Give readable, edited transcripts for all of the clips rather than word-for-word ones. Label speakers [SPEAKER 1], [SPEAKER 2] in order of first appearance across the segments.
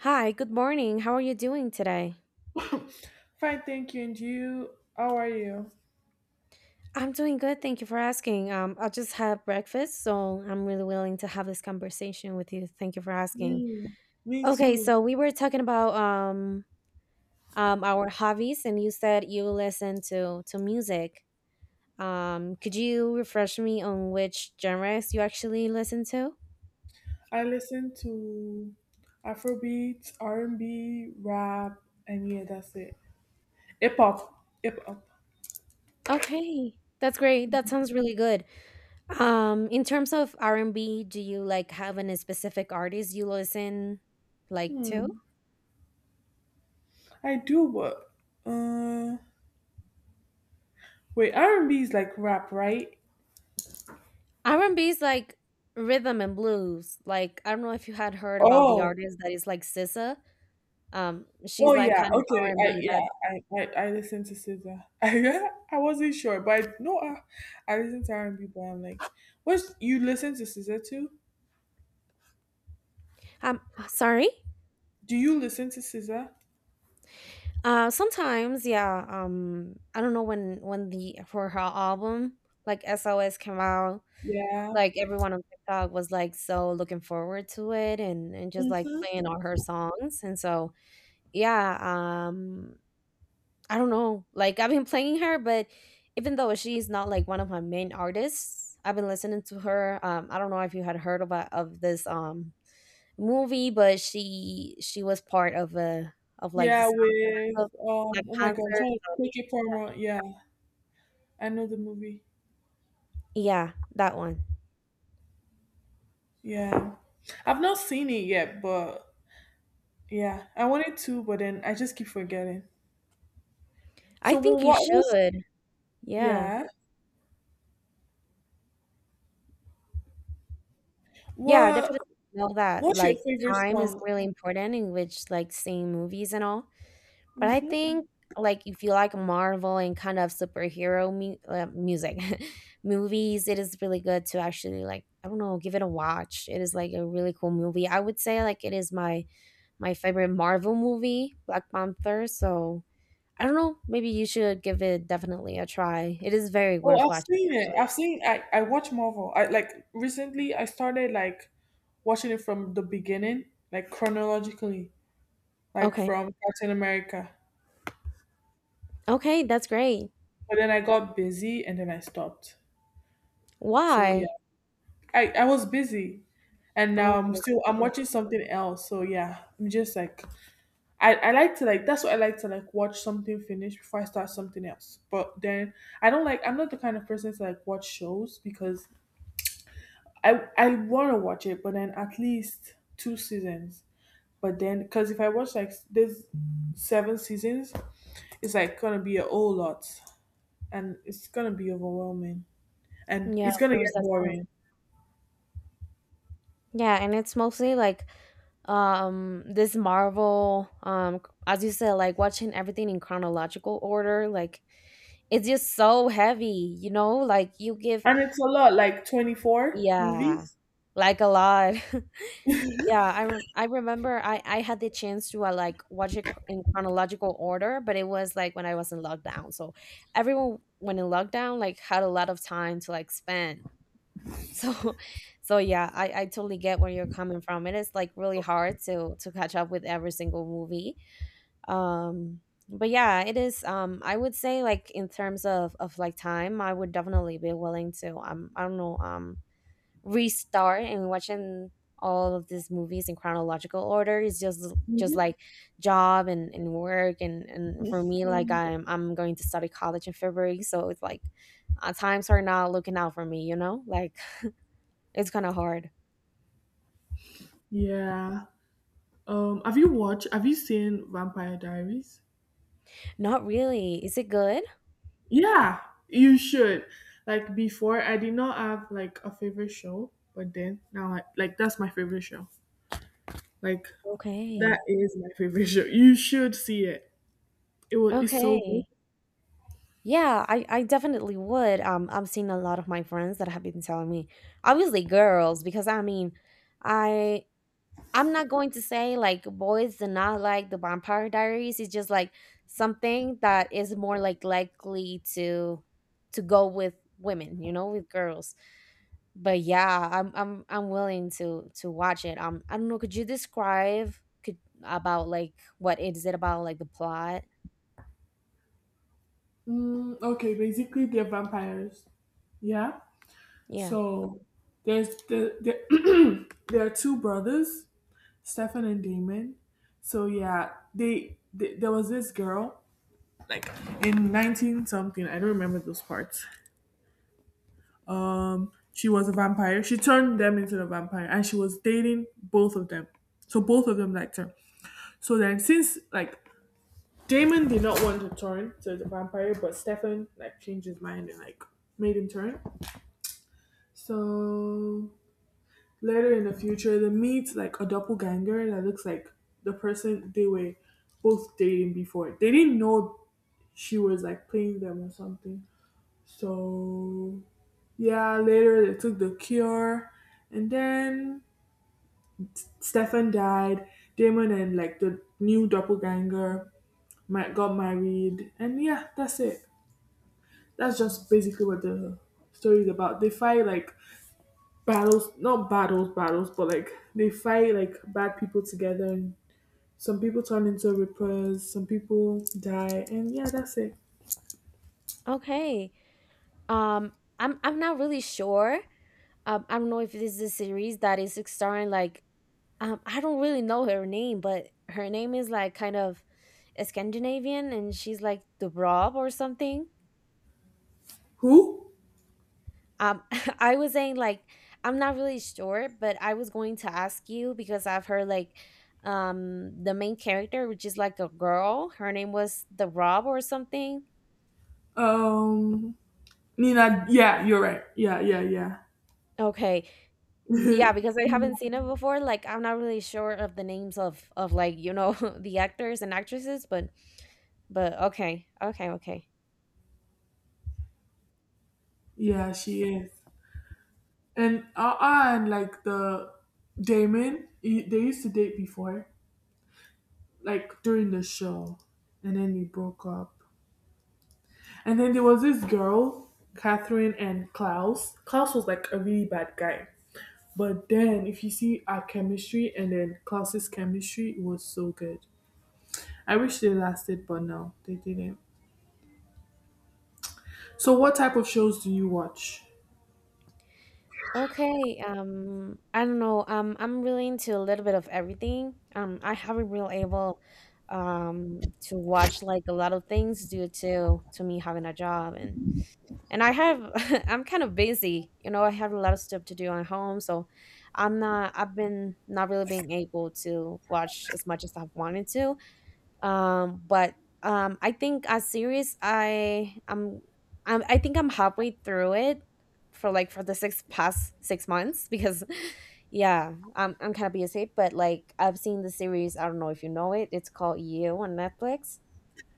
[SPEAKER 1] Hi, good morning. How are you doing today?
[SPEAKER 2] Fine, thank you. And you? How are you?
[SPEAKER 1] I'm doing good. Thank you for asking. I just had breakfast, so I'm really willing to have this conversation with you. Thank you for asking.
[SPEAKER 2] Mm, me
[SPEAKER 1] Okay,
[SPEAKER 2] too.
[SPEAKER 1] so we were talking about our hobbies, and you said you listen to music. Could you refresh me on which genres you actually listen to?
[SPEAKER 2] I listen to Afrobeat, R&B, rap, and yeah, that's it. Hip hop, hip hop.
[SPEAKER 1] Okay, that's great. That sounds really good. In terms of R&B, do you have any specific artist you listen like to?
[SPEAKER 2] Hmm. I do, but uh, wait, R&B is like rap, right?
[SPEAKER 1] R&B is like rhythm and blues. Like, I don't know if you had heard about the
[SPEAKER 2] Oh,
[SPEAKER 1] artist that is like SZA.
[SPEAKER 2] oh
[SPEAKER 1] She's like
[SPEAKER 2] yeah,
[SPEAKER 1] kind of
[SPEAKER 2] okay. I
[SPEAKER 1] R&B that
[SPEAKER 2] yeah, I listen to SZA. I wasn't sure, but no, I listen to R&B. But I'm like, what you listen to SZA too?
[SPEAKER 1] um Sorry.
[SPEAKER 2] Do you listen to SZA?
[SPEAKER 1] Uh, sometimes, yeah, I don't know when the for her album like SOS came out,
[SPEAKER 2] Yeah.
[SPEAKER 1] like everyone on TikTok was like so looking forward to it and just like
[SPEAKER 2] Hmm.
[SPEAKER 1] playing all her songs. And so, yeah, um, I don't know. Like I've been playing her, but even though she's not like one of my main artists, I've been listening to her. I don't know if you had heard about of this movie, but she was part of a of like the
[SPEAKER 2] Yeah,
[SPEAKER 1] Sound
[SPEAKER 2] with
[SPEAKER 1] of Black
[SPEAKER 2] oh my
[SPEAKER 1] Panther.
[SPEAKER 2] god, I'm trying to take it from yeah. I know the movie.
[SPEAKER 1] Yeah, that one.
[SPEAKER 2] Yeah. I've not seen it yet, but yeah. I wanted to, but then I just keep forgetting.
[SPEAKER 1] I
[SPEAKER 2] So
[SPEAKER 1] think you
[SPEAKER 2] what was.
[SPEAKER 1] should. Yeah,
[SPEAKER 2] Yeah.
[SPEAKER 1] yeah, I
[SPEAKER 2] What
[SPEAKER 1] definitely know that.
[SPEAKER 2] what's your
[SPEAKER 1] Like
[SPEAKER 2] favorite
[SPEAKER 1] time is
[SPEAKER 2] song?
[SPEAKER 1] really important in which like seeing movies and all. But I
[SPEAKER 2] Hmm.
[SPEAKER 1] think, like, if you like Marvel and kind of superhero music, movies, it is really good to actually, like I don't know, give it a watch. It is like a really cool movie. I would say like it is my my favorite Marvel movie, Black Panther. So I don't know, maybe you should give it definitely a try. It is very
[SPEAKER 2] Oh,
[SPEAKER 1] worth
[SPEAKER 2] I've
[SPEAKER 1] watching,
[SPEAKER 2] seen it.
[SPEAKER 1] actually.
[SPEAKER 2] I watch Marvel. I, like, recently I started, like, watching it from the beginning, like chronologically, like
[SPEAKER 1] Okay,
[SPEAKER 2] from Captain America.
[SPEAKER 1] okay, that's great.
[SPEAKER 2] But then I got busy and then I stopped. So yeah,
[SPEAKER 1] Why?
[SPEAKER 2] I was busy and
[SPEAKER 1] Oh
[SPEAKER 2] now I'm
[SPEAKER 1] my gosh,
[SPEAKER 2] still, I'm watching something else. So yeah, I'm just like I like to, like, that's what I like to, like, watch something finish before I start something else. But then I don't, like, I'm not the kind of person to like watch shows because I want to watch it, but then at least two seasons. But then because if I watch, like, there's seven seasons, it's like gonna be a whole lot and it's gonna be overwhelming
[SPEAKER 1] yeah,
[SPEAKER 2] and
[SPEAKER 1] yeah,
[SPEAKER 2] it's
[SPEAKER 1] of
[SPEAKER 2] gonna
[SPEAKER 1] course
[SPEAKER 2] get
[SPEAKER 1] that's wrong.
[SPEAKER 2] boring.
[SPEAKER 1] Yeah, and it's mostly like this marvel as you said, like watching everything in chronological order, like it's just so heavy, you know, like you give
[SPEAKER 2] And it's a lot, like 24
[SPEAKER 1] yeah,
[SPEAKER 2] movies.
[SPEAKER 1] like a lot. Yeah, I remember I had the chance to like watch it in chronological order, but it was like when I was in lockdown. So everyone when in lockdown like had a lot of time to like spend. So so yeah, I totally get where you're coming from. It is like really hard to catch up with every single movie. Um, but yeah, it is, um, I would say, like in terms of like time, I would definitely be willing to I don't know, um, restart and watching all of these movies in chronological order is just
[SPEAKER 2] Mhm.
[SPEAKER 1] like job and work and for me, like I'm going to study college in February. So it's like, times are not looking out for me, you know. Like it's kind of hard.
[SPEAKER 2] Yeah. Have you watched? Have you seen Vampire Diaries?
[SPEAKER 1] Not really, is it good?
[SPEAKER 2] Yeah, you should. Like before, I did not have like a favorite show, but then now, like that's my favorite show. Like that
[SPEAKER 1] Okay,
[SPEAKER 2] is my favorite show. You should see it. It was it's so good.
[SPEAKER 1] okay. Yeah, I definitely would. I'm seeing a lot of my friends that have been telling me, obviously girls, because I mean, I I'm not going to say like boys do not like the Vampire Diaries. It's just like something that is more like likely to go with women, you know, with girls. But yeah, I'm willing to watch it. I don't know. Could you describe could about like what is it about, like the plot?
[SPEAKER 2] Mm, okay, basically they're vampires. Yeah.
[SPEAKER 1] Yeah.
[SPEAKER 2] So there's the there are two brothers, Stefan and Damon. So yeah, there was this girl, like in 19 something. I don't remember those parts. She was a vampire. She turned them into a vampire and she was dating both of them. So both of them liked her. So then since like Damon did not want to turn to the vampire, but Stefan like changed his mind and like made him turn. So later in the future they meet like a doppelganger that looks like the person they were both dating before. They didn't know she was like playing them or something. So yeah, later they took the cure and then Stefan died. Damon and like the new doppelganger got married, and yeah, that's it. That's just basically what the story is about. They fight like battles, not battles, battles, but like they fight like bad people together. And some people turn into rippers, some people die, and yeah, that's it.
[SPEAKER 1] Okay. Um, I'm not really sure. I don't know if this is a series that is starring like I don't really know her name, but her name is like kind of Scandinavian, and she's like the Rob or something.
[SPEAKER 2] Who?
[SPEAKER 1] Um, I was saying like I'm not really sure, but I was going to ask you because I've heard like the main character, which is like a girl, her name was the Rob or something.
[SPEAKER 2] Um Nina, yeah, you're right. Yeah, yeah, yeah.
[SPEAKER 1] Okay, yeah, because I haven't
[SPEAKER 2] Nina.
[SPEAKER 1] seen it before. Like, I'm not really sure of the names of like, you know, the actors and actresses, but okay, okay, okay,
[SPEAKER 2] Yeah, she is. And like the Damon, they used to date before, like during the show, and then they broke up. And then there was this girl, Catherine and Klaus. Klaus was like a really bad guy. But then if you see our chemistry and then Klaus's chemistry, it was so good. I wish they lasted, but no, they didn't. So, what type of shows do you watch?
[SPEAKER 1] okay. I don't know. I'm really into a little bit of everything. I haven't really able to watch like a lot of things due to me having a job and I have. I'm kind of busy. You know, I have a lot of stuff to do at home, so I'm not. I've been not really being able to watch as much as I've wanted to, um, but um, I think a series I think I'm halfway through it for like for the six past six months because yeah, I'm kind of busy, but like I've seen the series. I don't know if you know it. It's called You on Netflix.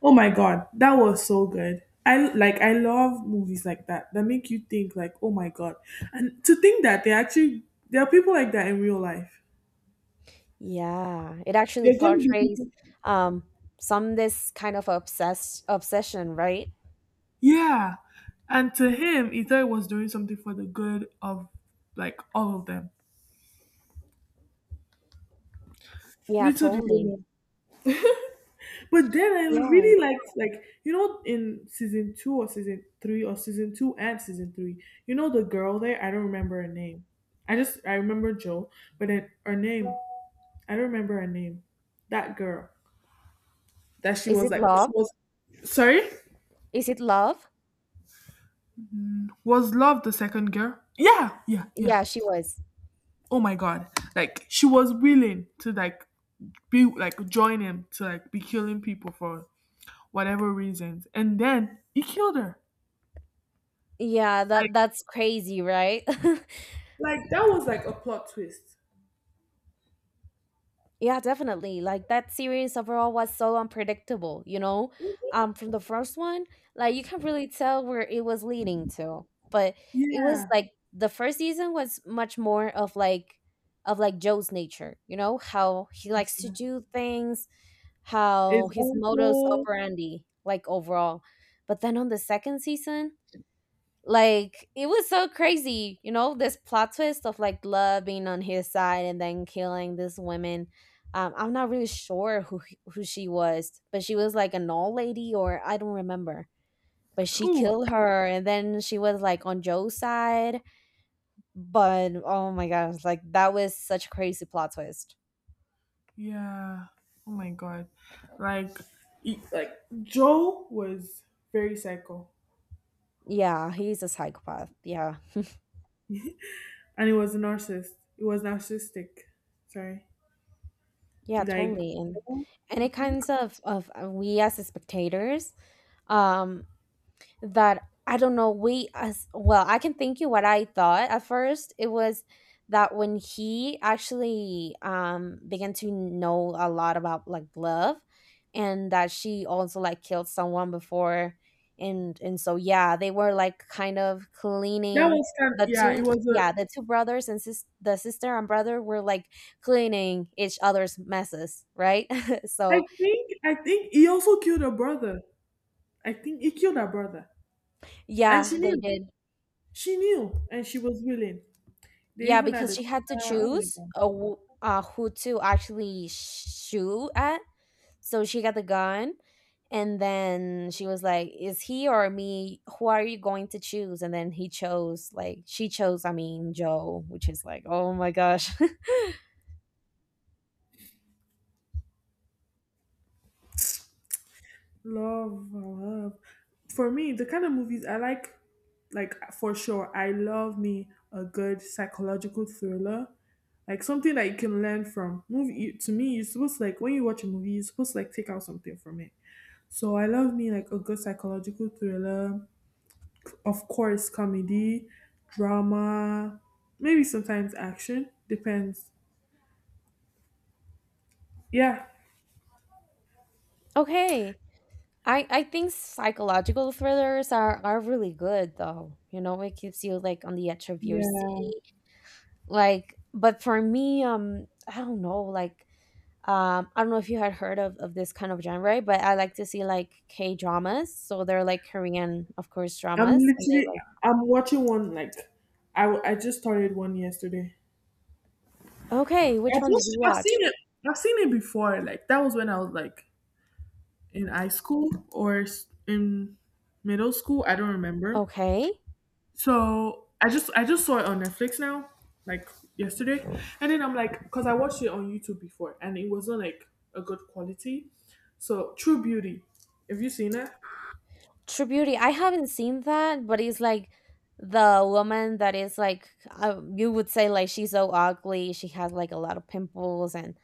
[SPEAKER 2] Oh my god, that was so good. I love movies like that that make you think like, oh my god. And to think that they actually there are people like that in real life.
[SPEAKER 1] Yeah, it actually
[SPEAKER 2] There's gonna be
[SPEAKER 1] portrays
[SPEAKER 2] people.
[SPEAKER 1] um some this kind of obsessed obsession, right?
[SPEAKER 2] Yeah. And to him, he thought it was doing something for the good of like all of them.
[SPEAKER 1] Yeah,
[SPEAKER 2] Little did they
[SPEAKER 1] totally.
[SPEAKER 2] know. But then I
[SPEAKER 1] Yeah.
[SPEAKER 2] really liked, like, in season two or season three or season two and season three, the girl there, I don't remember her name. I remember Joe, but then her name, I don't remember her name. That girl that she
[SPEAKER 1] Is
[SPEAKER 2] was
[SPEAKER 1] it
[SPEAKER 2] like,
[SPEAKER 1] love?
[SPEAKER 2] she was, sorry?
[SPEAKER 1] Is it love?
[SPEAKER 2] Was Love the second girl? Yeah, yeah, yeah.
[SPEAKER 1] Yeah, she was.
[SPEAKER 2] Oh my God. Like, she was willing to, like, be, like, join him to, like, be killing people for whatever reasons. And then he killed her.
[SPEAKER 1] Yeah, that
[SPEAKER 2] Like.
[SPEAKER 1] that's crazy, right?
[SPEAKER 2] That was like a plot twist.
[SPEAKER 1] Yeah, definitely. Like that series overall was so unpredictable, you know? From the first one, like you can really tell where it was leading to. But it was
[SPEAKER 2] Yeah.
[SPEAKER 1] like the first season was much more of like Joe's nature, you know, how he likes to do things, how
[SPEAKER 2] His
[SPEAKER 1] his modus
[SPEAKER 2] uncle.
[SPEAKER 1] operandi, like overall. But then on the second season, like it was so crazy, you know, this plot twist of like love being on his side and then killing this woman I'm not really sure who she was, but she was like an old lady or I don't remember. But she
[SPEAKER 2] Who?
[SPEAKER 1] killed her, and then she was like on Joe's side. But oh my gosh, like that was such a crazy plot twist.
[SPEAKER 2] Yeah. Oh my god. Like, like Joe was very psycho,
[SPEAKER 1] Yeah, he's a psychopath. Yeah,
[SPEAKER 2] and he was a narcissist. He was narcissistic. Sorry.
[SPEAKER 1] yeah,
[SPEAKER 2] Like
[SPEAKER 1] totally. and
[SPEAKER 2] Joe.
[SPEAKER 1] and it
[SPEAKER 2] Mhm.
[SPEAKER 1] kinds of we as the spectators um that I don't know, we as well, I can think you what I thought at first. It was that when he actually began to know a lot about like love and that she also like killed someone before and so yeah, they were like kind of
[SPEAKER 2] That
[SPEAKER 1] cleaning
[SPEAKER 2] was kind of,
[SPEAKER 1] the
[SPEAKER 2] yeah. It
[SPEAKER 1] two.
[SPEAKER 2] was a.
[SPEAKER 1] Yeah, the two brothers and the sister and brother were like cleaning each other's messes, right? So
[SPEAKER 2] I think he also killed her brother. I think he killed her brother, and
[SPEAKER 1] yeah,
[SPEAKER 2] she
[SPEAKER 1] they
[SPEAKER 2] knew.
[SPEAKER 1] did.
[SPEAKER 2] She knew, and she was willing. They
[SPEAKER 1] Yeah,
[SPEAKER 2] even had
[SPEAKER 1] because
[SPEAKER 2] a.
[SPEAKER 1] she had to
[SPEAKER 2] Oh my
[SPEAKER 1] choose
[SPEAKER 2] god.
[SPEAKER 1] who to actually shoot at. So she got the gun, and then she was like, "Is he or me? Who are you going to choose?" And then he chose, like, she chose. I mean, Joe, which is like, oh my gosh.
[SPEAKER 2] Love, love. For me, the kind of movies I like for sure, I love me a good psychological thriller, like something that you can learn from. To me, you're supposed to, like, when you watch a movie, you're supposed to like take out something from it. So I love me like a good psychological thriller, of course, comedy, drama, maybe sometimes action, depends. Yeah,
[SPEAKER 1] Okay, I think psychological thrillers are really good though. You know, it keeps you like on the edge of your
[SPEAKER 2] yeah.
[SPEAKER 1] seat. Like, but for me, I don't know, like um, I don't know if you had heard of this kind of genre, but I like to see like k dramas so they're like Korean of course
[SPEAKER 2] I'm
[SPEAKER 1] dramas, and they
[SPEAKER 2] literally,
[SPEAKER 1] like
[SPEAKER 2] I'm watching one, like I just started one yesterday. I've
[SPEAKER 1] okay, which one did
[SPEAKER 2] watched,
[SPEAKER 1] you
[SPEAKER 2] I've
[SPEAKER 1] watch?
[SPEAKER 2] seen it. I've seen it before. Like that was when I was like in high school or in middle school. I don't remember.
[SPEAKER 1] Okay.
[SPEAKER 2] So I just saw it on Netflix now, like yesterday, and then I'm like, because I watched it on YouTube before, and it wasn't like a good quality. So True Beauty, have you seen it?
[SPEAKER 1] True Beauty. I haven't seen that, but it's like the woman that is like you would say like she's so ugly. She has like a lot of pimples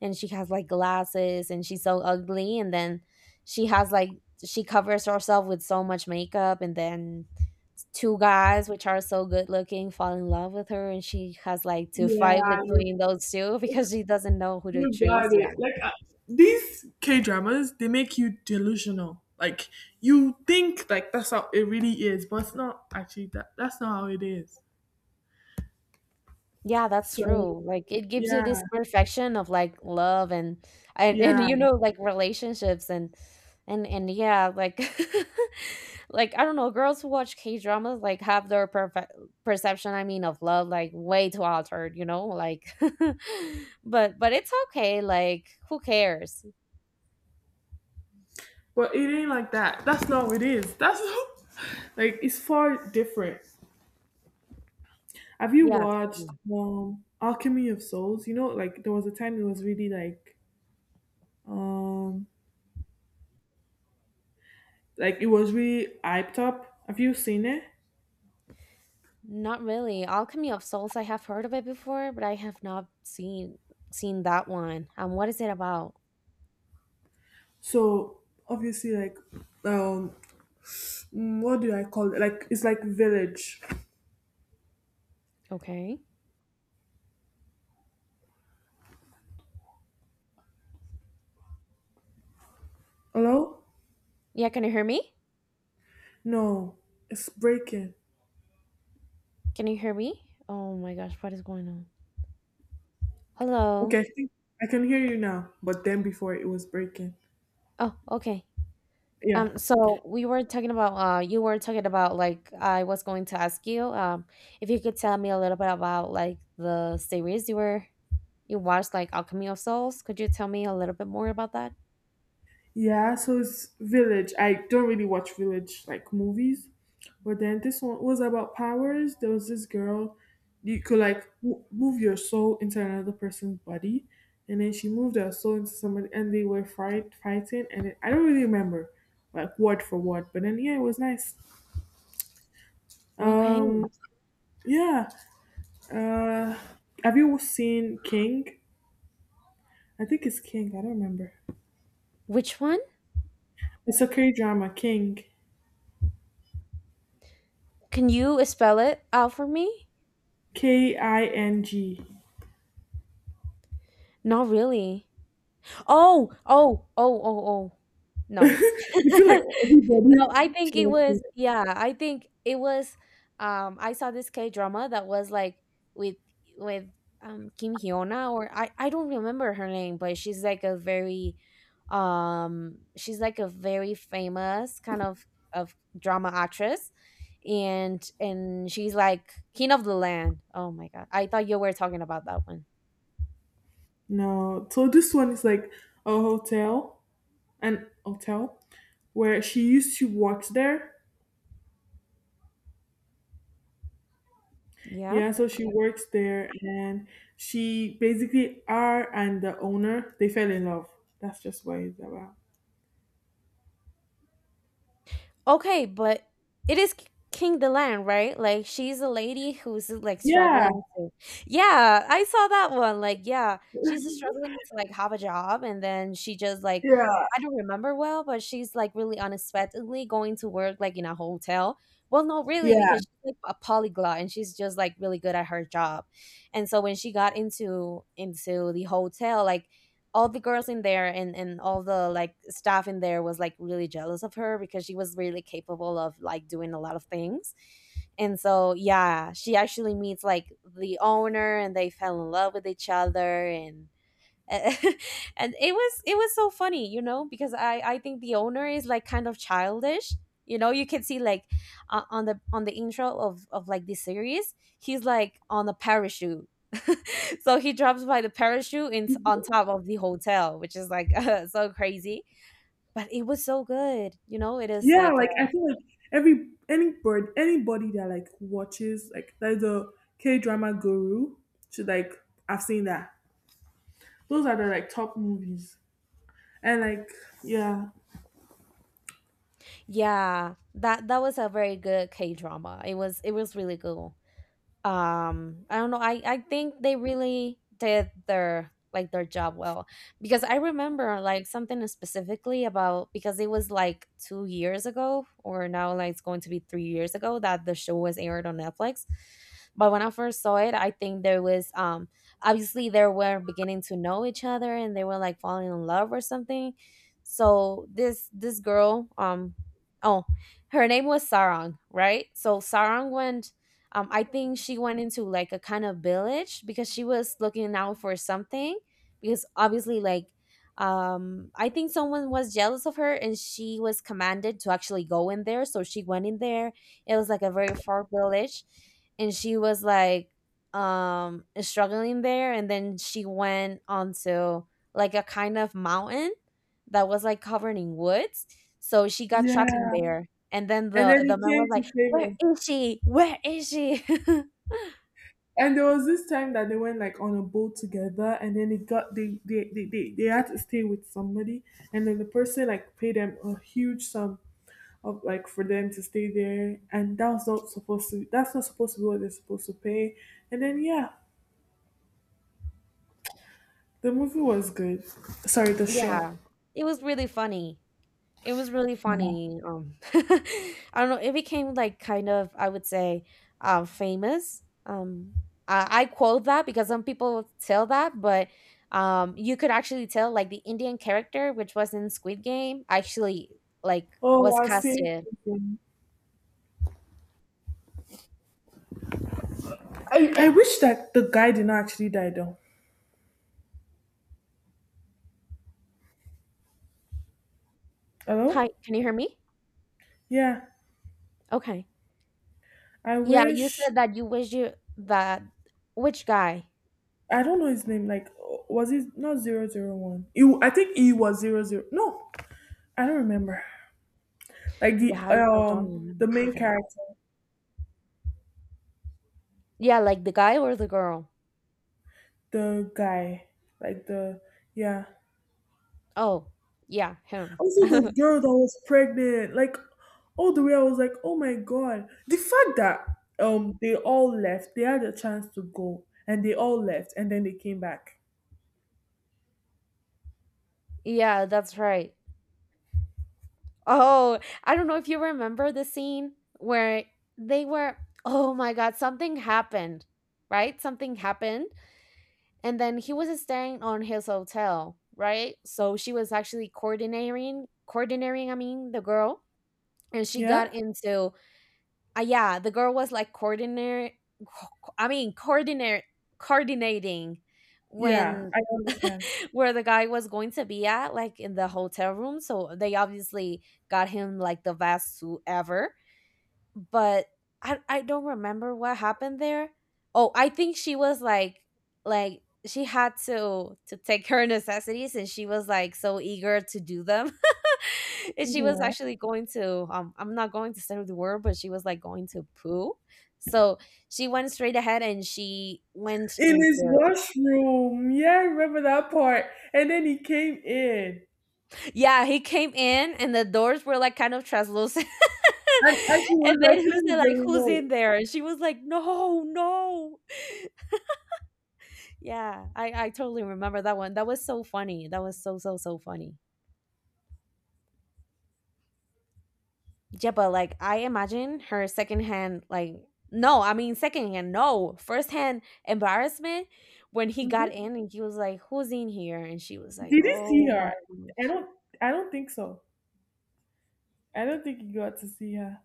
[SPEAKER 1] and she has like glasses and she's so ugly. And then she has like she covers herself with so much makeup. And then two guys which are so good looking fall in love with her, and she has like to fight
[SPEAKER 2] Yeah, you
[SPEAKER 1] between those two because she doesn't know who to
[SPEAKER 2] You
[SPEAKER 1] choose.
[SPEAKER 2] got
[SPEAKER 1] Yeah.
[SPEAKER 2] it. Like these K dramas, they make you delusional. Like you think like that's how it really is, but it's not actually that. That's not how it is.
[SPEAKER 1] Yeah, that's
[SPEAKER 2] So
[SPEAKER 1] true. Like it gives you this
[SPEAKER 2] yeah,
[SPEAKER 1] perfection of like love and
[SPEAKER 2] yeah,
[SPEAKER 1] you know, like relationships and yeah, like like I don't know, girls who watch K-dramas like have their perfect perception, I mean, of love like way too altered, you know? Like but it's okay, like who cares?
[SPEAKER 2] but it ain't like that. That's not how it is. That's like it's far different. Have you
[SPEAKER 1] Yeah,
[SPEAKER 2] watched
[SPEAKER 1] totally.
[SPEAKER 2] Alchemy of Souls? You know, like there was a time it was really um like it was really hyped up. Have you seen it?
[SPEAKER 1] Not really. Alchemy of Souls, I have heard of it before, but I have not seen seen that one. What is it about?
[SPEAKER 2] So obviously, like um what do I call it? Like it's like village.
[SPEAKER 1] Okay.
[SPEAKER 2] Hello?
[SPEAKER 1] Yeah, can you hear me?
[SPEAKER 2] No, it's breaking.
[SPEAKER 1] Can you hear me? Oh my gosh, what is going on? Hello.
[SPEAKER 2] Okay, I think I can hear you now, but then before it was breaking.
[SPEAKER 1] Oh, okay.
[SPEAKER 2] Yeah.
[SPEAKER 1] So we were talking about you were talking about like I was going to ask you if you could tell me a little bit about like the series you were you watched, like Alchemy of Souls. Could you tell me a little bit more about that?
[SPEAKER 2] Yeah, so it's village. I don't really watch village like movies, but then this one was about powers. There was this girl, you could like move your soul into another person's body, and then she moved her soul into somebody, and they were fighting. And it, I don't really remember, like word for word, but then yeah, it was nice.
[SPEAKER 1] Okay.
[SPEAKER 2] Um, Yeah. Uh, have you seen King? I think it's King. I don't remember.
[SPEAKER 1] Which one?
[SPEAKER 2] It's a K drama. King.
[SPEAKER 1] Can you spell it out for me?
[SPEAKER 2] K I N G.
[SPEAKER 1] Not really. Oh, oh, oh, oh, oh. No.
[SPEAKER 2] I feel like everybody
[SPEAKER 1] No, I think
[SPEAKER 2] should
[SPEAKER 1] it
[SPEAKER 2] have seen
[SPEAKER 1] was
[SPEAKER 2] it.
[SPEAKER 1] yeah, I think it was I saw this K drama that was like with with Kim Hyuna or I don't remember her name, but she's like a very she's like a very famous kind of drama actress and she's like King of the Land. Oh my god. I thought you were talking about that one.
[SPEAKER 2] No. So this one is like a hotel, an hotel where she used to work there.
[SPEAKER 1] Yeah.
[SPEAKER 2] Yeah, so she works there and she basically, her and the owner, they fell in love. That's just what it's about.
[SPEAKER 1] Okay, but it is K- King the Land, right? Like she's a lady who's like
[SPEAKER 2] Yeah.
[SPEAKER 1] struggling to. Yeah, I saw that one. Like, yeah, she's struggling to like have a job, and then she just like.
[SPEAKER 2] Yeah.
[SPEAKER 1] I don't remember well, but she's like really unexpectedly going to work like in a hotel. Well, no, really,
[SPEAKER 2] Yeah.
[SPEAKER 1] because she's like a polyglot and she's just like really good at her job. And so when she got into the hotel, like all the girls in there and all the like staff in there was like really jealous of her because she was really capable of like doing a lot of things. And so, yeah, she actually meets like the owner and they fell in love with each other. And and it was so funny, you know, because I think the owner is like kind of childish. You know, you can see like on the intro of like this series, he's like on a parachute. so he drops by the parachute in, on top of the hotel, which is like so crazy, but it was so good, you know. It is
[SPEAKER 2] Yeah,
[SPEAKER 1] like a,
[SPEAKER 2] like I feel like every any bird anybody that like watches, like there's a K drama guru should like. I've seen that. Those are the like top movies. And like yeah.
[SPEAKER 1] yeah, that was a very good k drama It was really good. I don't know, I think they really did their like their job well, because I remember like something specifically about, because it was like 2 years ago, or now like it's going to be 3 years ago, that the show was aired on Netflix. But when I first saw it, I think there was obviously they were beginning to know each other and they were like falling in love or something. So this girl, oh, her name was Sarang, right? So Sarang, when, I think she went into like a kind of village because she was looking out for something, because obviously like I think someone was jealous of her and she was commanded to actually go in there, so she went in there. It was like a very far village, and she was like struggling there, and then she went onto like a kind of mountain that was like covered in woods. So she got trapped in Mhm.
[SPEAKER 2] Yeah.
[SPEAKER 1] there, and then
[SPEAKER 2] And then
[SPEAKER 1] the
[SPEAKER 2] he
[SPEAKER 1] man was
[SPEAKER 2] came to
[SPEAKER 1] like,
[SPEAKER 2] save
[SPEAKER 1] where
[SPEAKER 2] us.
[SPEAKER 1] is she? Where is she?
[SPEAKER 2] And there was this time that they went like on a boat together and then they got they had to stay with somebody, and then the person like paid them a huge sum of like for them to stay there, and that was not supposed to, that's not supposed to be what they're supposed to pay. And then yeah, the movie was good. Sorry, the show.
[SPEAKER 1] Yeah, it was really funny. It was really
[SPEAKER 2] Yeah.
[SPEAKER 1] funny. I don't know. It became like kind of, I would say, famous. I quote that because some people tell that, but you could actually tell like the Indian character, which was in Squid Game, actually like
[SPEAKER 2] Oh,
[SPEAKER 1] was
[SPEAKER 2] I see.
[SPEAKER 1] casted.
[SPEAKER 2] I wish that the guy did not actually die though.
[SPEAKER 1] Hi,
[SPEAKER 2] Hello?
[SPEAKER 1] can you hear me?
[SPEAKER 2] Yeah.
[SPEAKER 1] Okay.
[SPEAKER 2] I
[SPEAKER 1] Yeah, you
[SPEAKER 2] wish.
[SPEAKER 1] said that you wish you that, which guy?
[SPEAKER 2] I don't know his name. Like, was it not 001? You I think he was zero zero. No, I don't remember. Like the
[SPEAKER 1] Yeah, I don't
[SPEAKER 2] um the
[SPEAKER 1] remember
[SPEAKER 2] main
[SPEAKER 1] either.
[SPEAKER 2] character,
[SPEAKER 1] Yeah, like the guy or the girl?
[SPEAKER 2] the guy, like the yeah.
[SPEAKER 1] Oh, yeah, him.
[SPEAKER 2] Also, this girl that was pregnant, like all the way, I was like, oh my god. The fact that they all left, they had a chance to go, and they all left, and then they came back.
[SPEAKER 1] Yeah, that's right. Oh, I don't know if you remember the scene where they were, oh my God, something happened, right? Something happened. And then he was staying on his hotel, right? So she was actually coordinating, coordinating, I mean, the girl. And she got
[SPEAKER 2] Yeah,
[SPEAKER 1] into, yeah, the girl was like coordinate, I mean, coordinate, coordinating
[SPEAKER 2] yeah,
[SPEAKER 1] when
[SPEAKER 2] I understand.
[SPEAKER 1] where the guy was going to be at, like in the hotel room. So they obviously got him like the best suit ever. But I don't remember what happened there. Oh, I think she was like she had to take her necessities and she was like so eager to do them. and she was
[SPEAKER 2] Yeah.
[SPEAKER 1] actually going to I'm not going to say the word, but she was like going to poo. So she went straight ahead and she went
[SPEAKER 2] In his
[SPEAKER 1] into
[SPEAKER 2] washroom, yeah, I remember that part. And then he came in,
[SPEAKER 1] Yeah, he came in and the doors were like kind of translucent.
[SPEAKER 2] and, she was
[SPEAKER 1] and
[SPEAKER 2] like
[SPEAKER 1] then he was
[SPEAKER 2] playing with the
[SPEAKER 1] like, who's
[SPEAKER 2] remote.
[SPEAKER 1] in there? And she was like, no, no. Yeah, I totally remember that one. That was so funny. That was so, so, so funny. Yeah, but like I imagine her secondhand, like, no, I mean, secondhand, no, firsthand embarrassment when he
[SPEAKER 2] Hmm.
[SPEAKER 1] got in and he was like, who's in here? And she was like,
[SPEAKER 2] Did he see
[SPEAKER 1] oh my
[SPEAKER 2] her? I
[SPEAKER 1] gosh.
[SPEAKER 2] don't. I don't think so. I don't think he got to see her.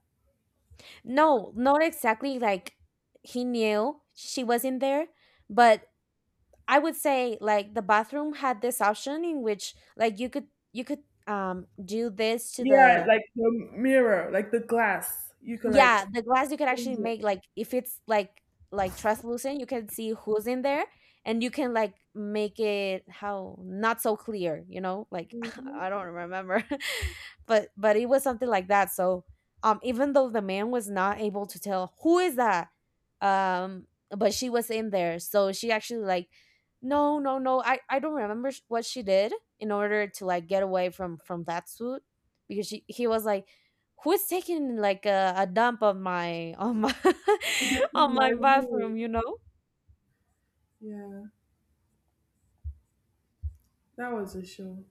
[SPEAKER 1] No, not exactly like he knew she was in there, but I would say like the bathroom had this option in which like you could do this to
[SPEAKER 2] Yeah,
[SPEAKER 1] the
[SPEAKER 2] like the mirror, like the glass. You could like
[SPEAKER 1] yeah, the glass, you could actually
[SPEAKER 2] change it.
[SPEAKER 1] make like if it's like translucent, you can see who's in there and you can like make it how not so clear, you know? Like
[SPEAKER 2] Mhm.
[SPEAKER 1] I don't remember. But it was something like that. So even though the man was not able to tell who is that, um but she was in there, so she actually like no no no I don't remember what she did in order to like get away from that suit, because she he was like, who is taking like a dump on my
[SPEAKER 2] In
[SPEAKER 1] on
[SPEAKER 2] my
[SPEAKER 1] my
[SPEAKER 2] room.
[SPEAKER 1] bathroom, you know.
[SPEAKER 2] Yeah, that was a show.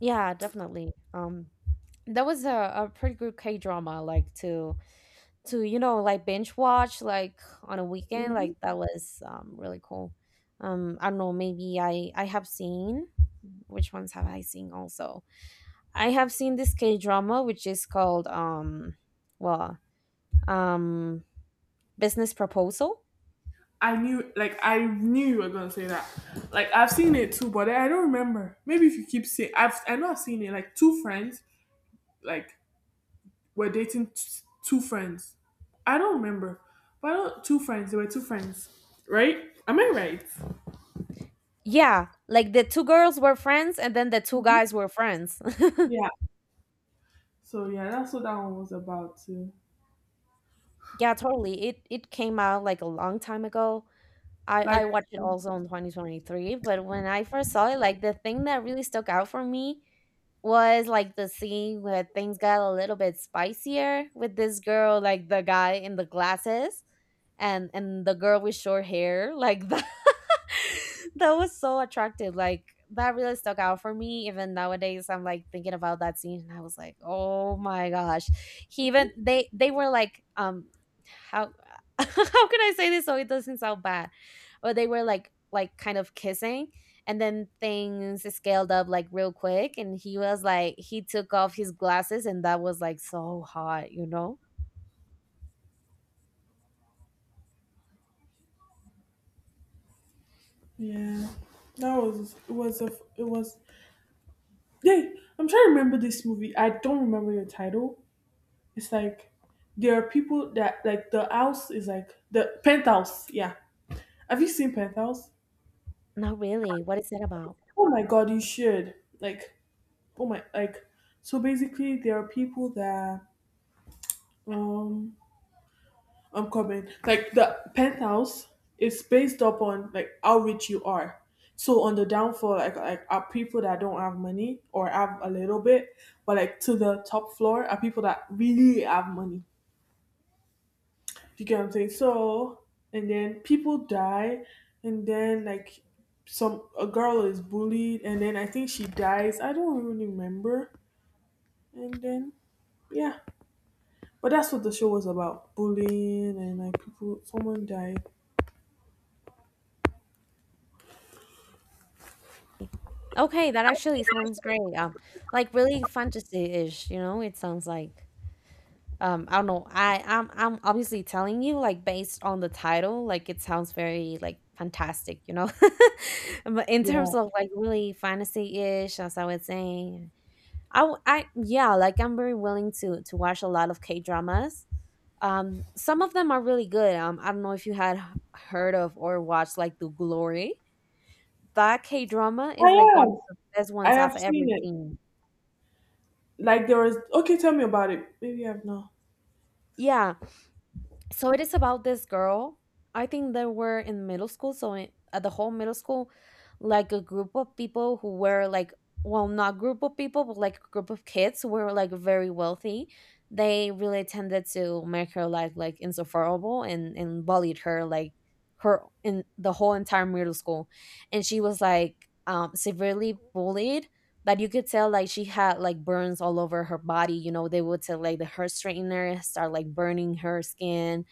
[SPEAKER 1] Yeah, definitely. That was a pretty good k drama like to you know, like binge watch like on a weekend.
[SPEAKER 2] Hmm.
[SPEAKER 1] Like that was really cool. I don't know, maybe I have seen, which ones have I seen also? I have seen this k drama which is called well, um Business Proposal.
[SPEAKER 2] I knew, like, I knew you were gonna say that. Like, I've seen it too, but I don't remember. Maybe if you keep saying, I know I've seen it. Like, two friends, like, were dating two friends. I don't remember, but I don't, two friends. They were two friends, right? Am I right?
[SPEAKER 1] Yeah, like the two girls were friends and then the two guys were friends.
[SPEAKER 2] Yeah. So yeah, that's what that one was about too.
[SPEAKER 1] yeah, totally. It came out like a long time ago. I
[SPEAKER 2] Like
[SPEAKER 1] watched it also in 2023, but when I first saw it, like the thing that really stuck out for me was like the scene where things got a little bit spicier with this girl, like the guy in the glasses and the girl with short hair, like the that was so attractive. Like that really stuck out for me. Even nowadays, I'm like thinking about that scene, and I was like, oh my gosh. He even they were like, how how can I say this so it doesn't sound bad? But they were like kind of kissing, and then things scaled up like real quick, and he was like he took off his glasses, and that was like so hot, you know?
[SPEAKER 2] Yeah, that was it was a it was. Hey, I'm trying to remember this movie. I don't remember the title. It's like there are people that like the house is like the penthouse. Yeah, have you seen penthouse?
[SPEAKER 1] Not really. What is that about?
[SPEAKER 2] Oh my god, you should. Like oh my like. So basically, there are people that um I'm coming. Like the penthouse is based up on like how rich you are. So on the downfall, like are people that don't have money or have a little bit, but like to the top floor are people that really have money. You get what I'm saying? So and then people die, and then like some a girl is bullied, and then I think she dies. I don't really remember. And then yeah, but that's what the show was about: bullying and like people. Someone died.
[SPEAKER 1] Okay, that actually sounds great. Like really fantasy-ish, you know, it sounds like. I don't know. I'm obviously telling you like based on the title, like it sounds very like fantastic, you know. But in
[SPEAKER 2] Yeah.
[SPEAKER 1] terms of like really fantasy-ish, as I was saying, I yeah, like I'm very willing to watch a lot of K-dramas. Some of them are really good. I don't know if you had heard of or watched like The Glory. That K-drama is
[SPEAKER 2] I
[SPEAKER 1] like one
[SPEAKER 2] am.
[SPEAKER 1] of the best
[SPEAKER 2] I
[SPEAKER 1] ones
[SPEAKER 2] have
[SPEAKER 1] I've ever
[SPEAKER 2] seen it.
[SPEAKER 1] seen.
[SPEAKER 2] Like there was okay, tell me about it. Maybe I've not.
[SPEAKER 1] Yeah. So it is about this girl. I think they were in middle school. So in, at the whole middle school, like a group of people who were like, well, not group of people, but like a group of kids who were like very wealthy. They really tended to make her life like insufferable and bullied her like her in the whole entire middle school, and she was like severely bullied, that you could tell like she had like burns all over her body. You know, they would take like the hair straightener, start like burning her skin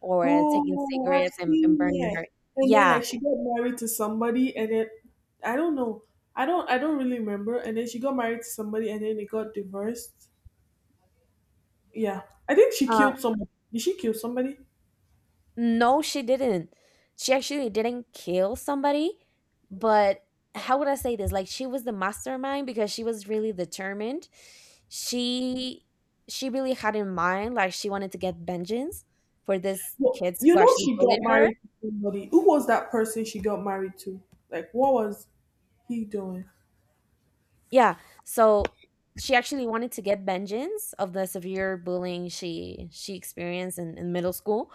[SPEAKER 1] or taking
[SPEAKER 2] Oh, I've
[SPEAKER 1] cigarettes and
[SPEAKER 2] seen
[SPEAKER 1] burning
[SPEAKER 2] it.
[SPEAKER 1] her.
[SPEAKER 2] And then
[SPEAKER 1] Yeah.
[SPEAKER 2] like she got married to somebody and then I don't know. I don't really remember. And then she got married to somebody and then they got divorced. Yeah. I think she
[SPEAKER 1] Uh,
[SPEAKER 2] killed somebody. Did she kill somebody?
[SPEAKER 1] no, she didn't. She actually didn't kill somebody, but how would I say this? Like she was the mastermind because she was really determined. She she really had in mind like she wanted to get vengeance for this
[SPEAKER 2] Well,
[SPEAKER 1] kids
[SPEAKER 2] you
[SPEAKER 1] who
[SPEAKER 2] know
[SPEAKER 1] actually
[SPEAKER 2] she got
[SPEAKER 1] bullied her.
[SPEAKER 2] married to somebody. Who was that person she got married to? Like what was he doing?
[SPEAKER 1] Yeah. So she actually wanted to get vengeance of the severe bullying she experienced in middle school.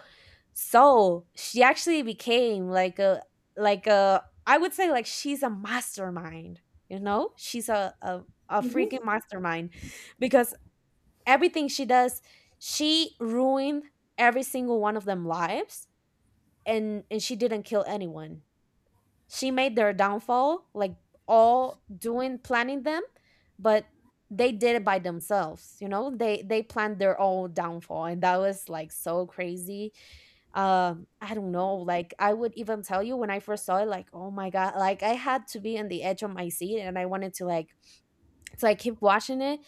[SPEAKER 1] So she actually became like a like a, I would say like she's a mastermind, you know? She's a
[SPEAKER 2] Hmm.
[SPEAKER 1] freaking mastermind because everything she does, she ruined every single one of them lives and she didn't kill anyone. She made their downfall like all doing planning them, but they did it by themselves. You know, they planned their own downfall, and that was like so crazy. I don't know, like I would even tell you when I first saw it, like oh my god, like I had to be on the edge of my seat and I wanted to like, so I keep watching it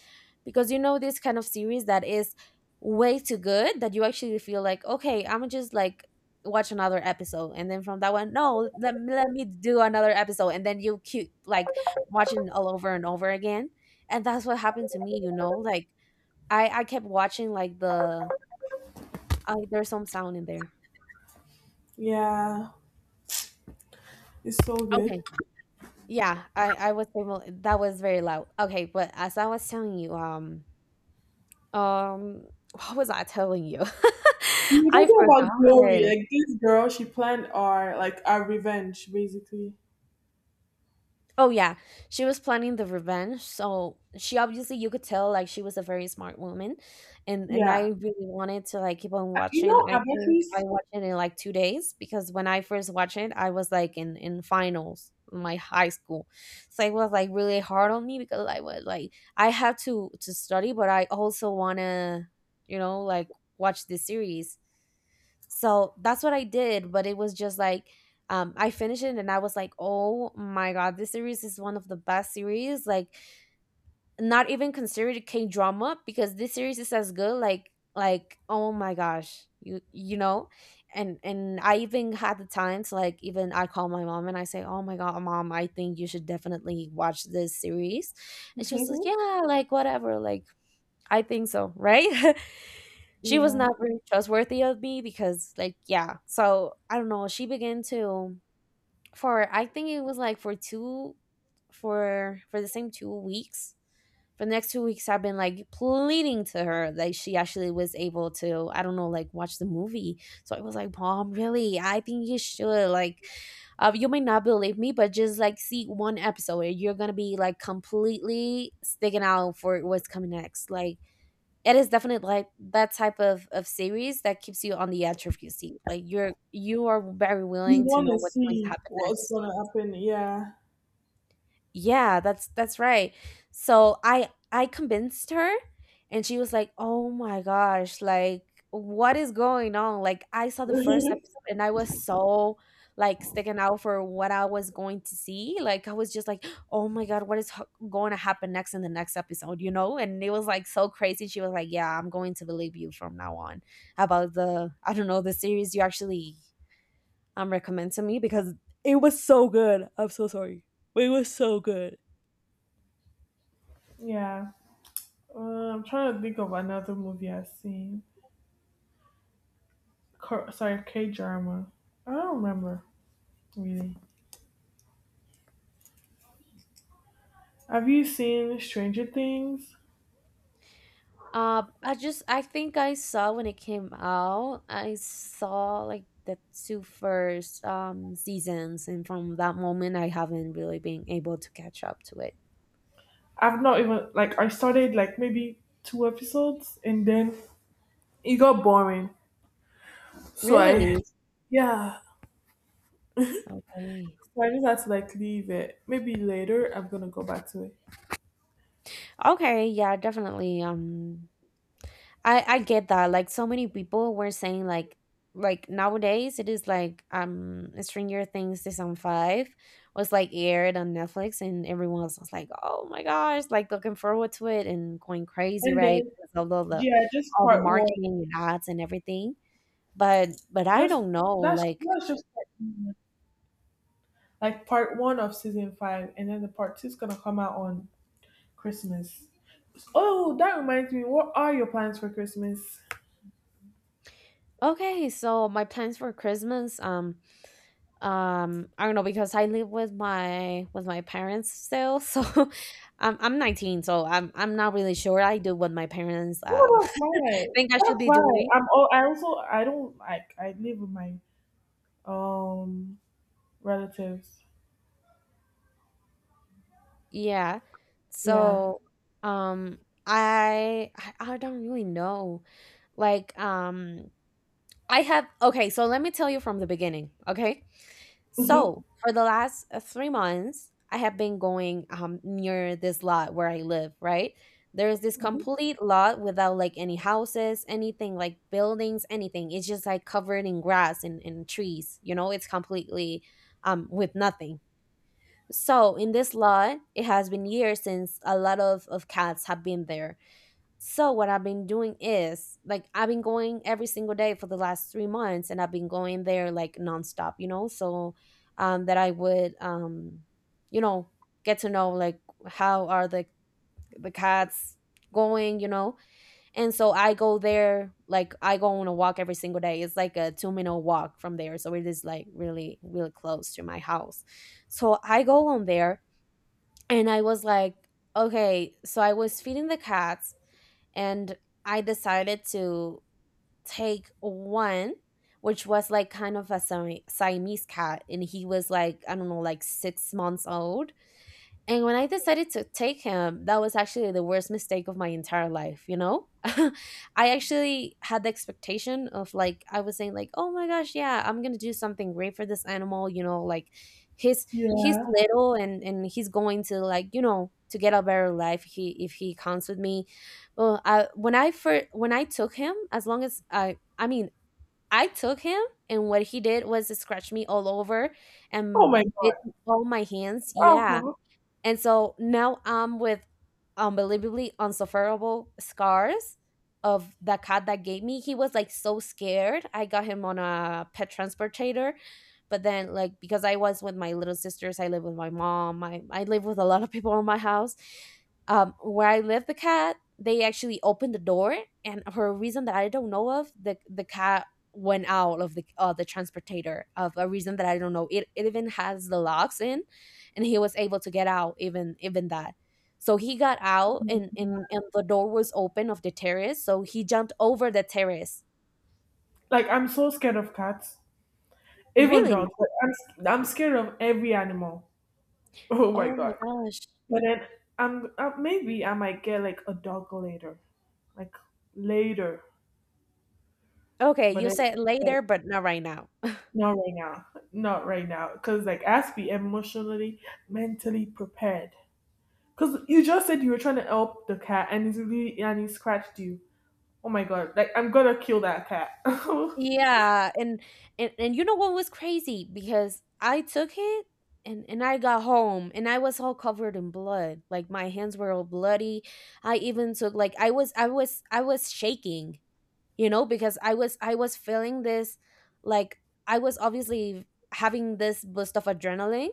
[SPEAKER 1] because you know this kind of series that is way too good that you actually feel like, okay, I'm just like watch another episode, and then from that one, no, let me do another episode, and then you keep like watching all over and over again. And that's what happened to me, you know, like I kept watching like the there's some sound in there.
[SPEAKER 2] Yeah. It's so good.
[SPEAKER 1] Okay. Yeah, I was able, that was very loud. Okay, but as I was telling you, Um, what was I telling you?
[SPEAKER 2] We're
[SPEAKER 1] I
[SPEAKER 2] talking about glory.
[SPEAKER 1] forgot.
[SPEAKER 2] Like this girl, she planned our like our revenge, basically.
[SPEAKER 1] Oh yeah, she was planning the revenge. So she obviously, you could tell like she was a very smart woman, and
[SPEAKER 2] Yeah.
[SPEAKER 1] I really wanted to like keep on
[SPEAKER 2] You
[SPEAKER 1] watching.
[SPEAKER 2] know,
[SPEAKER 1] I think I
[SPEAKER 2] Abatrice.
[SPEAKER 1] watched it in like 2 days because when I first watched it, I was like in finals in my high school, so it was like really hard on me because I was like I had to study, but I also wanna, you know, like watch this series. So that's what I did, but it was just like, I finished it and I was like, "Oh my god, this series is one of the best series." Like not even considered K-drama because this series is as good, like oh my gosh, you know? And I even had the time to like, even I call my mom and I say, "Oh my god, mom, I think you should definitely watch this series." And she was like, "Yeah, like whatever, like I think so, right?" She was
[SPEAKER 2] Yeah.
[SPEAKER 1] not very trustworthy of me because like, yeah, so I don't know, she began to, for I think it was like for two, for the same 2 weeks, for the next 2 weeks I've been like pleading to her that she actually was able to, I don't know, like watch the movie. So I was like, mom, really, I think you should like, you may not believe me, but just like see one episode and you're gonna be like completely sticking out for what's coming next. Like it is definitely like that type of series that keeps you on the edge of your seat. Like you are very
[SPEAKER 2] You
[SPEAKER 1] willing to know
[SPEAKER 2] wanna
[SPEAKER 1] what's going to
[SPEAKER 2] see
[SPEAKER 1] happen
[SPEAKER 2] what's
[SPEAKER 1] next.
[SPEAKER 2] gonna happen? Yeah.
[SPEAKER 1] Yeah, that's right. So I convinced her and she was like, "Oh my gosh, like what is going on?" Like I saw the first episode and I was so like sticking out for what I was going to see. Like I was just like, "Oh my god, what is going to happen next in the next episode?" You know? And it was like so crazy. She was like, "Yeah, I'm going to believe you from now on about the, I don't know, the series you actually recommend to me because it was so good. I'm so sorry. It was so good."
[SPEAKER 2] Yeah. I'm trying to think of another movie I've seen. Cor- sorry, K drama. I don't remember really. Have you seen Stranger Things?
[SPEAKER 1] I just, I think I saw when it came out. I saw like the two first seasons, and from that moment, I haven't really been able to catch up to it.
[SPEAKER 2] I've not even like I started like maybe two episodes and then it got boring. So I
[SPEAKER 1] Really?
[SPEAKER 2] yeah,
[SPEAKER 1] Okay.
[SPEAKER 2] so I just had to like leave it. Maybe later I'm gonna go back to it.
[SPEAKER 1] Okay. Yeah, definitely. I get that. Like so many people were saying like nowadays it is like, Stranger Things season five was like aired on Netflix and everyone else was like, oh my gosh, like looking forward to it and going crazy,
[SPEAKER 2] And
[SPEAKER 1] right?
[SPEAKER 2] then
[SPEAKER 1] Because of all the,
[SPEAKER 2] yeah, just
[SPEAKER 1] all the
[SPEAKER 2] part one.
[SPEAKER 1] marketing and ads and everything. But I
[SPEAKER 2] Just
[SPEAKER 1] don't know, like,
[SPEAKER 2] that's just part one. Like part one of season five, and then the part two is gonna come out on Christmas. Oh, that reminds me. What are your plans for Christmas?
[SPEAKER 1] okay, so my plans for Christmas, I don't know because I live with my parents still, so I'm 19, so I'm not really sure I do what my parents
[SPEAKER 2] Oh, that's fine.
[SPEAKER 1] think I should
[SPEAKER 2] That's
[SPEAKER 1] be
[SPEAKER 2] fine.
[SPEAKER 1] doing.
[SPEAKER 2] I'm. Oh, I also I don't like I live with my um relatives.
[SPEAKER 1] Yeah.
[SPEAKER 2] Yeah.
[SPEAKER 1] So, um, I don't really know. Like, I have, okay. So let me tell you from the beginning. Okay.
[SPEAKER 2] Mhm.
[SPEAKER 1] So for the last 3 months, I have been going near this lot where I live, right? There is this
[SPEAKER 2] Mhm.
[SPEAKER 1] complete lot without like any houses, anything, like buildings, anything. It's just like covered in grass and trees, you know, it's completely with nothing. So in this lot, it has been years since a lot of cats have been there. So what I've been doing is like I've been going every single day for the last 3 months, and I've been going there like nonstop, you know. So that I would you know, get to know like how are the cats going, you know. And so I go there, like I go on a walk every single day. It's like a 2 minute walk from there, so it is like really really close to my house. So I go on there and I was like, okay, so I was feeding the cats and I decided to take one, which was like kind of a Siamese cat, and he was like I don't know, like 6 months old, and when I decided to take him, that was actually the worst mistake of my entire life, you know? I actually had the expectation of like I was saying like, "Oh my gosh, yeah, I'm going to do something great for this animal, you know, like he's he's
[SPEAKER 2] Yeah.
[SPEAKER 1] little and he's going to like, you know, to get a better life he if he comes with me." Well, I when I first when I took him, as long as I mean, I took him and what he did was scratch me all over
[SPEAKER 2] Oh my
[SPEAKER 1] and bit all my hands. Yeah,
[SPEAKER 2] god.
[SPEAKER 1] and so now I'm with unbelievably unsufferable scars of the cat that gave me. He was like so scared. I got him on a pet transportator. But then like because I was with my little sisters, I live with my mom, I live with a lot of people in my house. Where I live the cat, they actually opened the door and for a reason that I don't know of, the cat went out of the transportator, of a reason that I don't know. It even has the locks in and he was able to get out, even even that, so he got out
[SPEAKER 2] Oh.
[SPEAKER 1] and the door was open of the terrace, so he jumped over the terrace.
[SPEAKER 2] Like I'm so scared of cats, even
[SPEAKER 1] Really?
[SPEAKER 2] dogs. Like, I'm s- I'm scared of every animal. Oh my
[SPEAKER 1] Oh my
[SPEAKER 2] god!
[SPEAKER 1] gosh.
[SPEAKER 2] But then I'm maybe I might get like a dog later, like later.
[SPEAKER 1] Okay,
[SPEAKER 2] But
[SPEAKER 1] you
[SPEAKER 2] then
[SPEAKER 1] said
[SPEAKER 2] like
[SPEAKER 1] later but not right now.
[SPEAKER 2] not right now, not right now, because like I have to be emotionally, mentally prepared. Because you just said you were trying to help the cat, and he's really and he scratched you. Oh my god! Like I'm gonna kill that cat.
[SPEAKER 1] Yeah, and you know what was crazy because I took it and I got home and I was all covered in blood, like my hands were all bloody. I even took like I was I was shaking, you know, because I was feeling this like I was obviously having this boost of adrenaline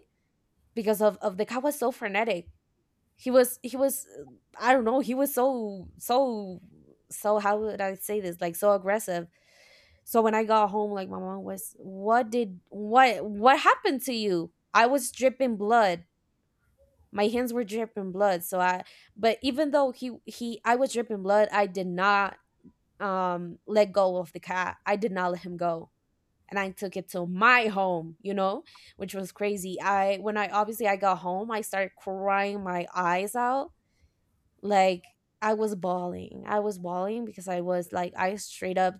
[SPEAKER 1] because of the guy was so frenetic. He was I don't know, he was so so so, how would I say this, like so aggressive. So when I got home, like my mom was, what did what happened to you? I was dripping blood, my hands were dripping blood, so I, but even though he I was dripping blood I did not let go of the cat, I did not let him go. And I took it to my home, you know, which was crazy. I when I obviously I got home, I started crying my eyes out, like I was bawling. I was bawling because I was like I straight up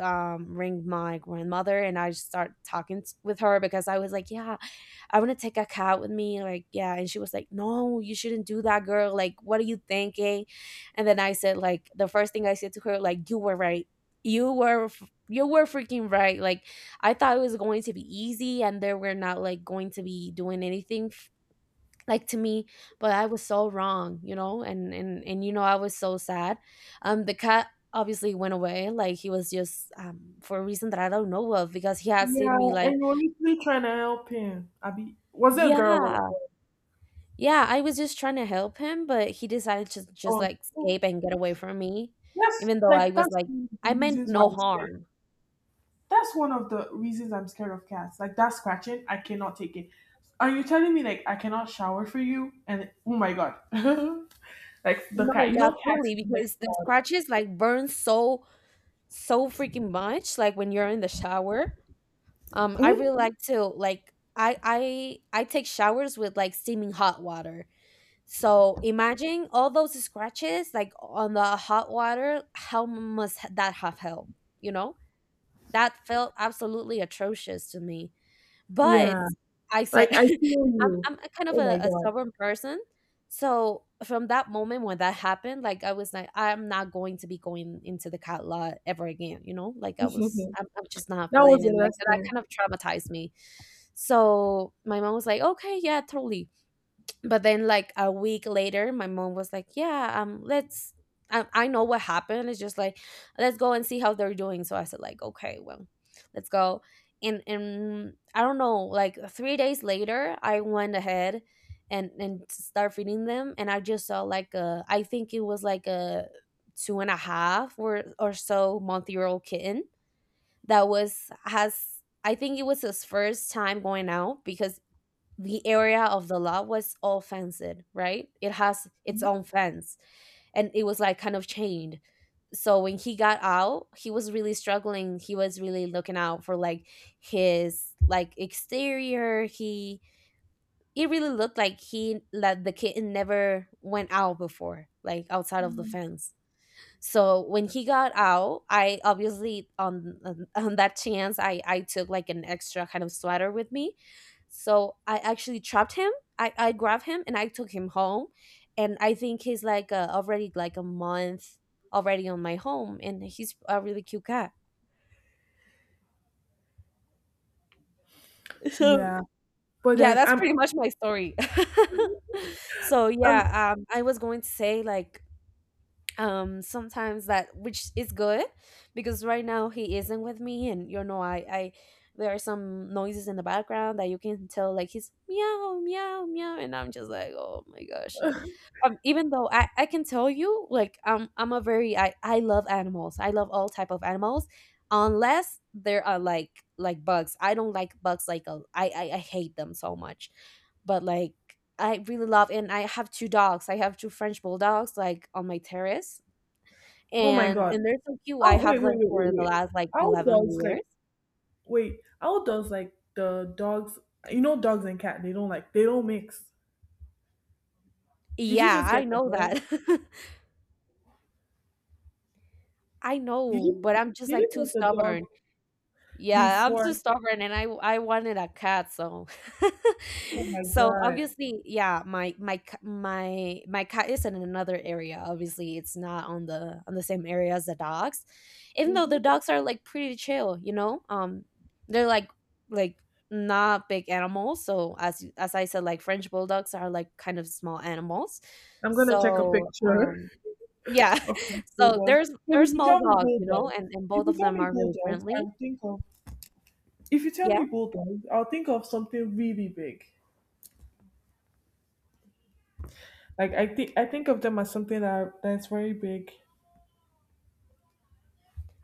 [SPEAKER 1] ring my grandmother and I start talking with her because I was like, yeah, I want to take a cat with me. Like, yeah. And she was like, no, you shouldn't do that, girl. Like, what are you thinking? And then I said, like, the first thing I said to her, like, you were right. You were, you were freaking right. Like, I thought it was going to be easy and they were not like going to be doing anything like to me, but I was so wrong, you know? And you know, I was so sad. The cat obviously went away, like he was just, for a reason that I don't know of, because he had
[SPEAKER 2] Yeah,
[SPEAKER 1] seen me like,
[SPEAKER 2] and you were literally trying to help him. Abi, was it a girl or
[SPEAKER 1] yeah.
[SPEAKER 2] boy?
[SPEAKER 1] Yeah, I was just trying to help him, but he decided to just
[SPEAKER 2] Oh,
[SPEAKER 1] like
[SPEAKER 2] oh,
[SPEAKER 1] escape and get away from me,
[SPEAKER 2] that's
[SPEAKER 1] even though I
[SPEAKER 2] like
[SPEAKER 1] was
[SPEAKER 2] that's
[SPEAKER 1] like
[SPEAKER 2] one of
[SPEAKER 1] I
[SPEAKER 2] the
[SPEAKER 1] meant
[SPEAKER 2] reasons why
[SPEAKER 1] no
[SPEAKER 2] I'm scared.
[SPEAKER 1] harm.
[SPEAKER 2] That's one of the reasons I'm scared of cats. Like that scratching, I cannot take it. Are you telling me like I cannot shower for you? And oh my god, like the
[SPEAKER 1] No,
[SPEAKER 2] cat,
[SPEAKER 1] yeah,
[SPEAKER 2] cats
[SPEAKER 1] truly
[SPEAKER 2] are like.
[SPEAKER 1] because the scratches like burn so so freaking much, like when you're in the shower. I
[SPEAKER 2] Mhm.
[SPEAKER 1] really like to like I take showers with like steaming hot water. So imagine all those scratches like on the hot water. How must that have helped? You know, that felt absolutely atrocious to me. But
[SPEAKER 2] Yeah,
[SPEAKER 1] I said
[SPEAKER 2] like I feel
[SPEAKER 1] I'm
[SPEAKER 2] you.
[SPEAKER 1] I'm a kind of
[SPEAKER 2] Oh my
[SPEAKER 1] a
[SPEAKER 2] god,
[SPEAKER 1] stubborn person. So from that moment when that happened, like I was like, I'm not going to be going into the cat lot ever again, you know? Like I was,
[SPEAKER 2] that
[SPEAKER 1] I'm just not
[SPEAKER 2] was
[SPEAKER 1] feeling
[SPEAKER 2] the
[SPEAKER 1] it. Like
[SPEAKER 2] last
[SPEAKER 1] that
[SPEAKER 2] thing.
[SPEAKER 1] kind of traumatized me. So my mom was like, "Okay, yeah, totally," but then like a week later my mom was like, yeah, let's... I know what happened. It's just like, let's go and see how they're doing. So I said like, okay, well, let's go. And I don't know, like 3 days later I went ahead and start feeding them. And I just saw like a, I think it was like a two and a half or so month year old kitten that was has I think it was his first time going out, because the area of the lot was all fenced, right? It has its own fence. And it was like kind of chained. So when he got out, he was really struggling. He was really looking out for like his like exterior. He, it really looked like he, like the kitten never went out before, like outside of the
[SPEAKER 2] Mhm.
[SPEAKER 1] fence. So when he got out, I obviously on on that chance, I took like an extra kind of sweater with me. So I actually trapped him. I grabbed him and I took him home. And I think he's like already like a month already on my home, and he's a really cute cat. So
[SPEAKER 2] Yeah, but
[SPEAKER 1] yeah,
[SPEAKER 2] then
[SPEAKER 1] that's
[SPEAKER 2] I'm,
[SPEAKER 1] pretty much my story. So
[SPEAKER 2] I'm.
[SPEAKER 1] yeah, I was going to say like, sometimes that, which is good, because right now he isn't with me, and you know I, there are some noises in the background that you can tell, like he's meow meow meow, and I'm just like, oh my gosh. Even though I can tell you like, I'm a very, I love animals, I love all type of animals, unless there are like bugs. I don't like bugs. I I hate them so much. But like, I really love, and I have two dogs. I have two French bulldogs like on my terrace,
[SPEAKER 2] Oh my
[SPEAKER 1] and
[SPEAKER 2] god.
[SPEAKER 1] and they're so cute. I
[SPEAKER 2] Oh wait,
[SPEAKER 1] have
[SPEAKER 2] wait,
[SPEAKER 1] them
[SPEAKER 2] wait, wait,
[SPEAKER 1] for the
[SPEAKER 2] wait.
[SPEAKER 1] last like
[SPEAKER 2] How does
[SPEAKER 1] 11
[SPEAKER 2] like
[SPEAKER 1] years.
[SPEAKER 2] Wait, how does like the dogs? You know, dogs and cat they don't mix. Did you
[SPEAKER 1] Yeah,
[SPEAKER 2] just get
[SPEAKER 1] I
[SPEAKER 2] the
[SPEAKER 1] know
[SPEAKER 2] dog?
[SPEAKER 1] that. I
[SPEAKER 2] Did
[SPEAKER 1] know,
[SPEAKER 2] you
[SPEAKER 1] but I'm just
[SPEAKER 2] did you
[SPEAKER 1] like too
[SPEAKER 2] get the dog
[SPEAKER 1] stubborn. Yeah, I'm
[SPEAKER 2] before?
[SPEAKER 1] too stubborn, and I wanted a cat. So
[SPEAKER 2] Oh my
[SPEAKER 1] so
[SPEAKER 2] god!
[SPEAKER 1] obviously, yeah, my c- my cat is in another area. Obviously, it's not on the on the same area as the dogs. Even though
[SPEAKER 2] Hmm.
[SPEAKER 1] the dogs are like pretty chill, you know? They're like not big animals. So as I said, like French bulldogs are like kind of small animals.
[SPEAKER 2] I'm gonna check a
[SPEAKER 1] So,
[SPEAKER 2] picture
[SPEAKER 1] yeah.
[SPEAKER 2] of my
[SPEAKER 1] So
[SPEAKER 2] bulldogs.
[SPEAKER 1] there's
[SPEAKER 2] But
[SPEAKER 1] there's
[SPEAKER 2] if you
[SPEAKER 1] small
[SPEAKER 2] tell me
[SPEAKER 1] dogs, you know,
[SPEAKER 2] bulldogs,
[SPEAKER 1] and
[SPEAKER 2] if
[SPEAKER 1] both
[SPEAKER 2] you
[SPEAKER 1] of
[SPEAKER 2] tell
[SPEAKER 1] them
[SPEAKER 2] me
[SPEAKER 1] are really
[SPEAKER 2] bulldogs,
[SPEAKER 1] friendly.
[SPEAKER 2] I'll think of. If you tell me bulldogs, I'll think of something really big. Like I think of them as something that that's very big.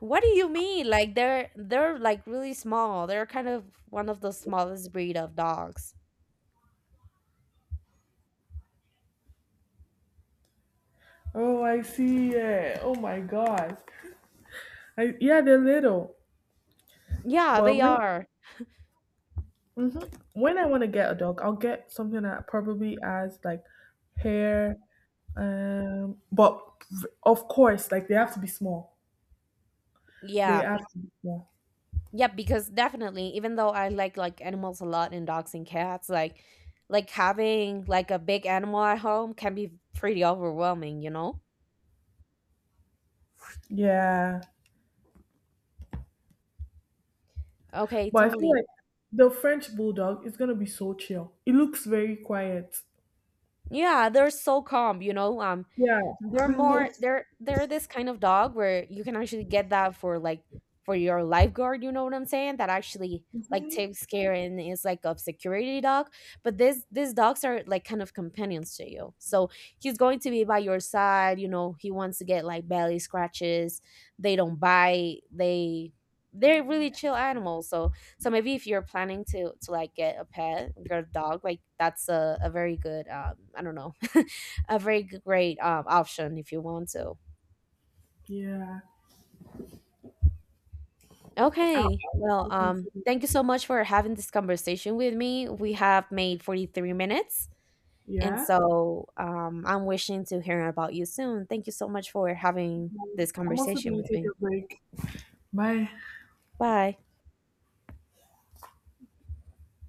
[SPEAKER 1] What do you mean? Like they're like really small. They're kind of one of the smallest breed of dogs.
[SPEAKER 2] Oh, I see. Yeah. Oh my god. I, yeah, they're little,
[SPEAKER 1] Yeah,
[SPEAKER 2] but
[SPEAKER 1] they
[SPEAKER 2] may-
[SPEAKER 1] are.
[SPEAKER 2] hmm. When I want to get a dog, I'll get something that probably has like hair, but v- of course, like they have to be small. They
[SPEAKER 1] Yeah.
[SPEAKER 2] have to be small.
[SPEAKER 1] Yeah, because definitely, even though I like animals a lot, and dogs and cats, like having like a big animal at home can be pretty overwhelming, you know?
[SPEAKER 2] Yeah,
[SPEAKER 1] Okay,
[SPEAKER 2] but I feel
[SPEAKER 1] totally.
[SPEAKER 2] like the French bulldog is gonna be so chill. It looks very quiet.
[SPEAKER 1] Yeah, they're so calm, you know.
[SPEAKER 2] Yeah, it
[SPEAKER 1] They're more,
[SPEAKER 2] looks.
[SPEAKER 1] they're this kind of dog where you can actually get that for like, for your lifeguard, you know what I'm saying? That actually like
[SPEAKER 2] Mhm.
[SPEAKER 1] takes care and is like a security dog. But this these dogs are like kind of companions to you. So he's going to be by your side, you know, he wants to get like belly scratches, they don't bite, they, they're really chill animals. So, so maybe if you're planning to like get a pet, get a dog, like that's a very good, I don't know, a very g- great option if you want to.
[SPEAKER 2] Yeah, I'll,
[SPEAKER 1] Okay.
[SPEAKER 2] I'll
[SPEAKER 1] Well,
[SPEAKER 2] I'll consider.
[SPEAKER 1] thank you so much for having this conversation with me. We have made 43 minutes. And
[SPEAKER 2] Yeah,
[SPEAKER 1] so I'm wishing to hear about you soon. Thank you so much for having this
[SPEAKER 2] I'm also
[SPEAKER 1] conversation
[SPEAKER 2] gonna
[SPEAKER 1] with
[SPEAKER 2] take
[SPEAKER 1] me.
[SPEAKER 2] a break. Bye.
[SPEAKER 1] Bye.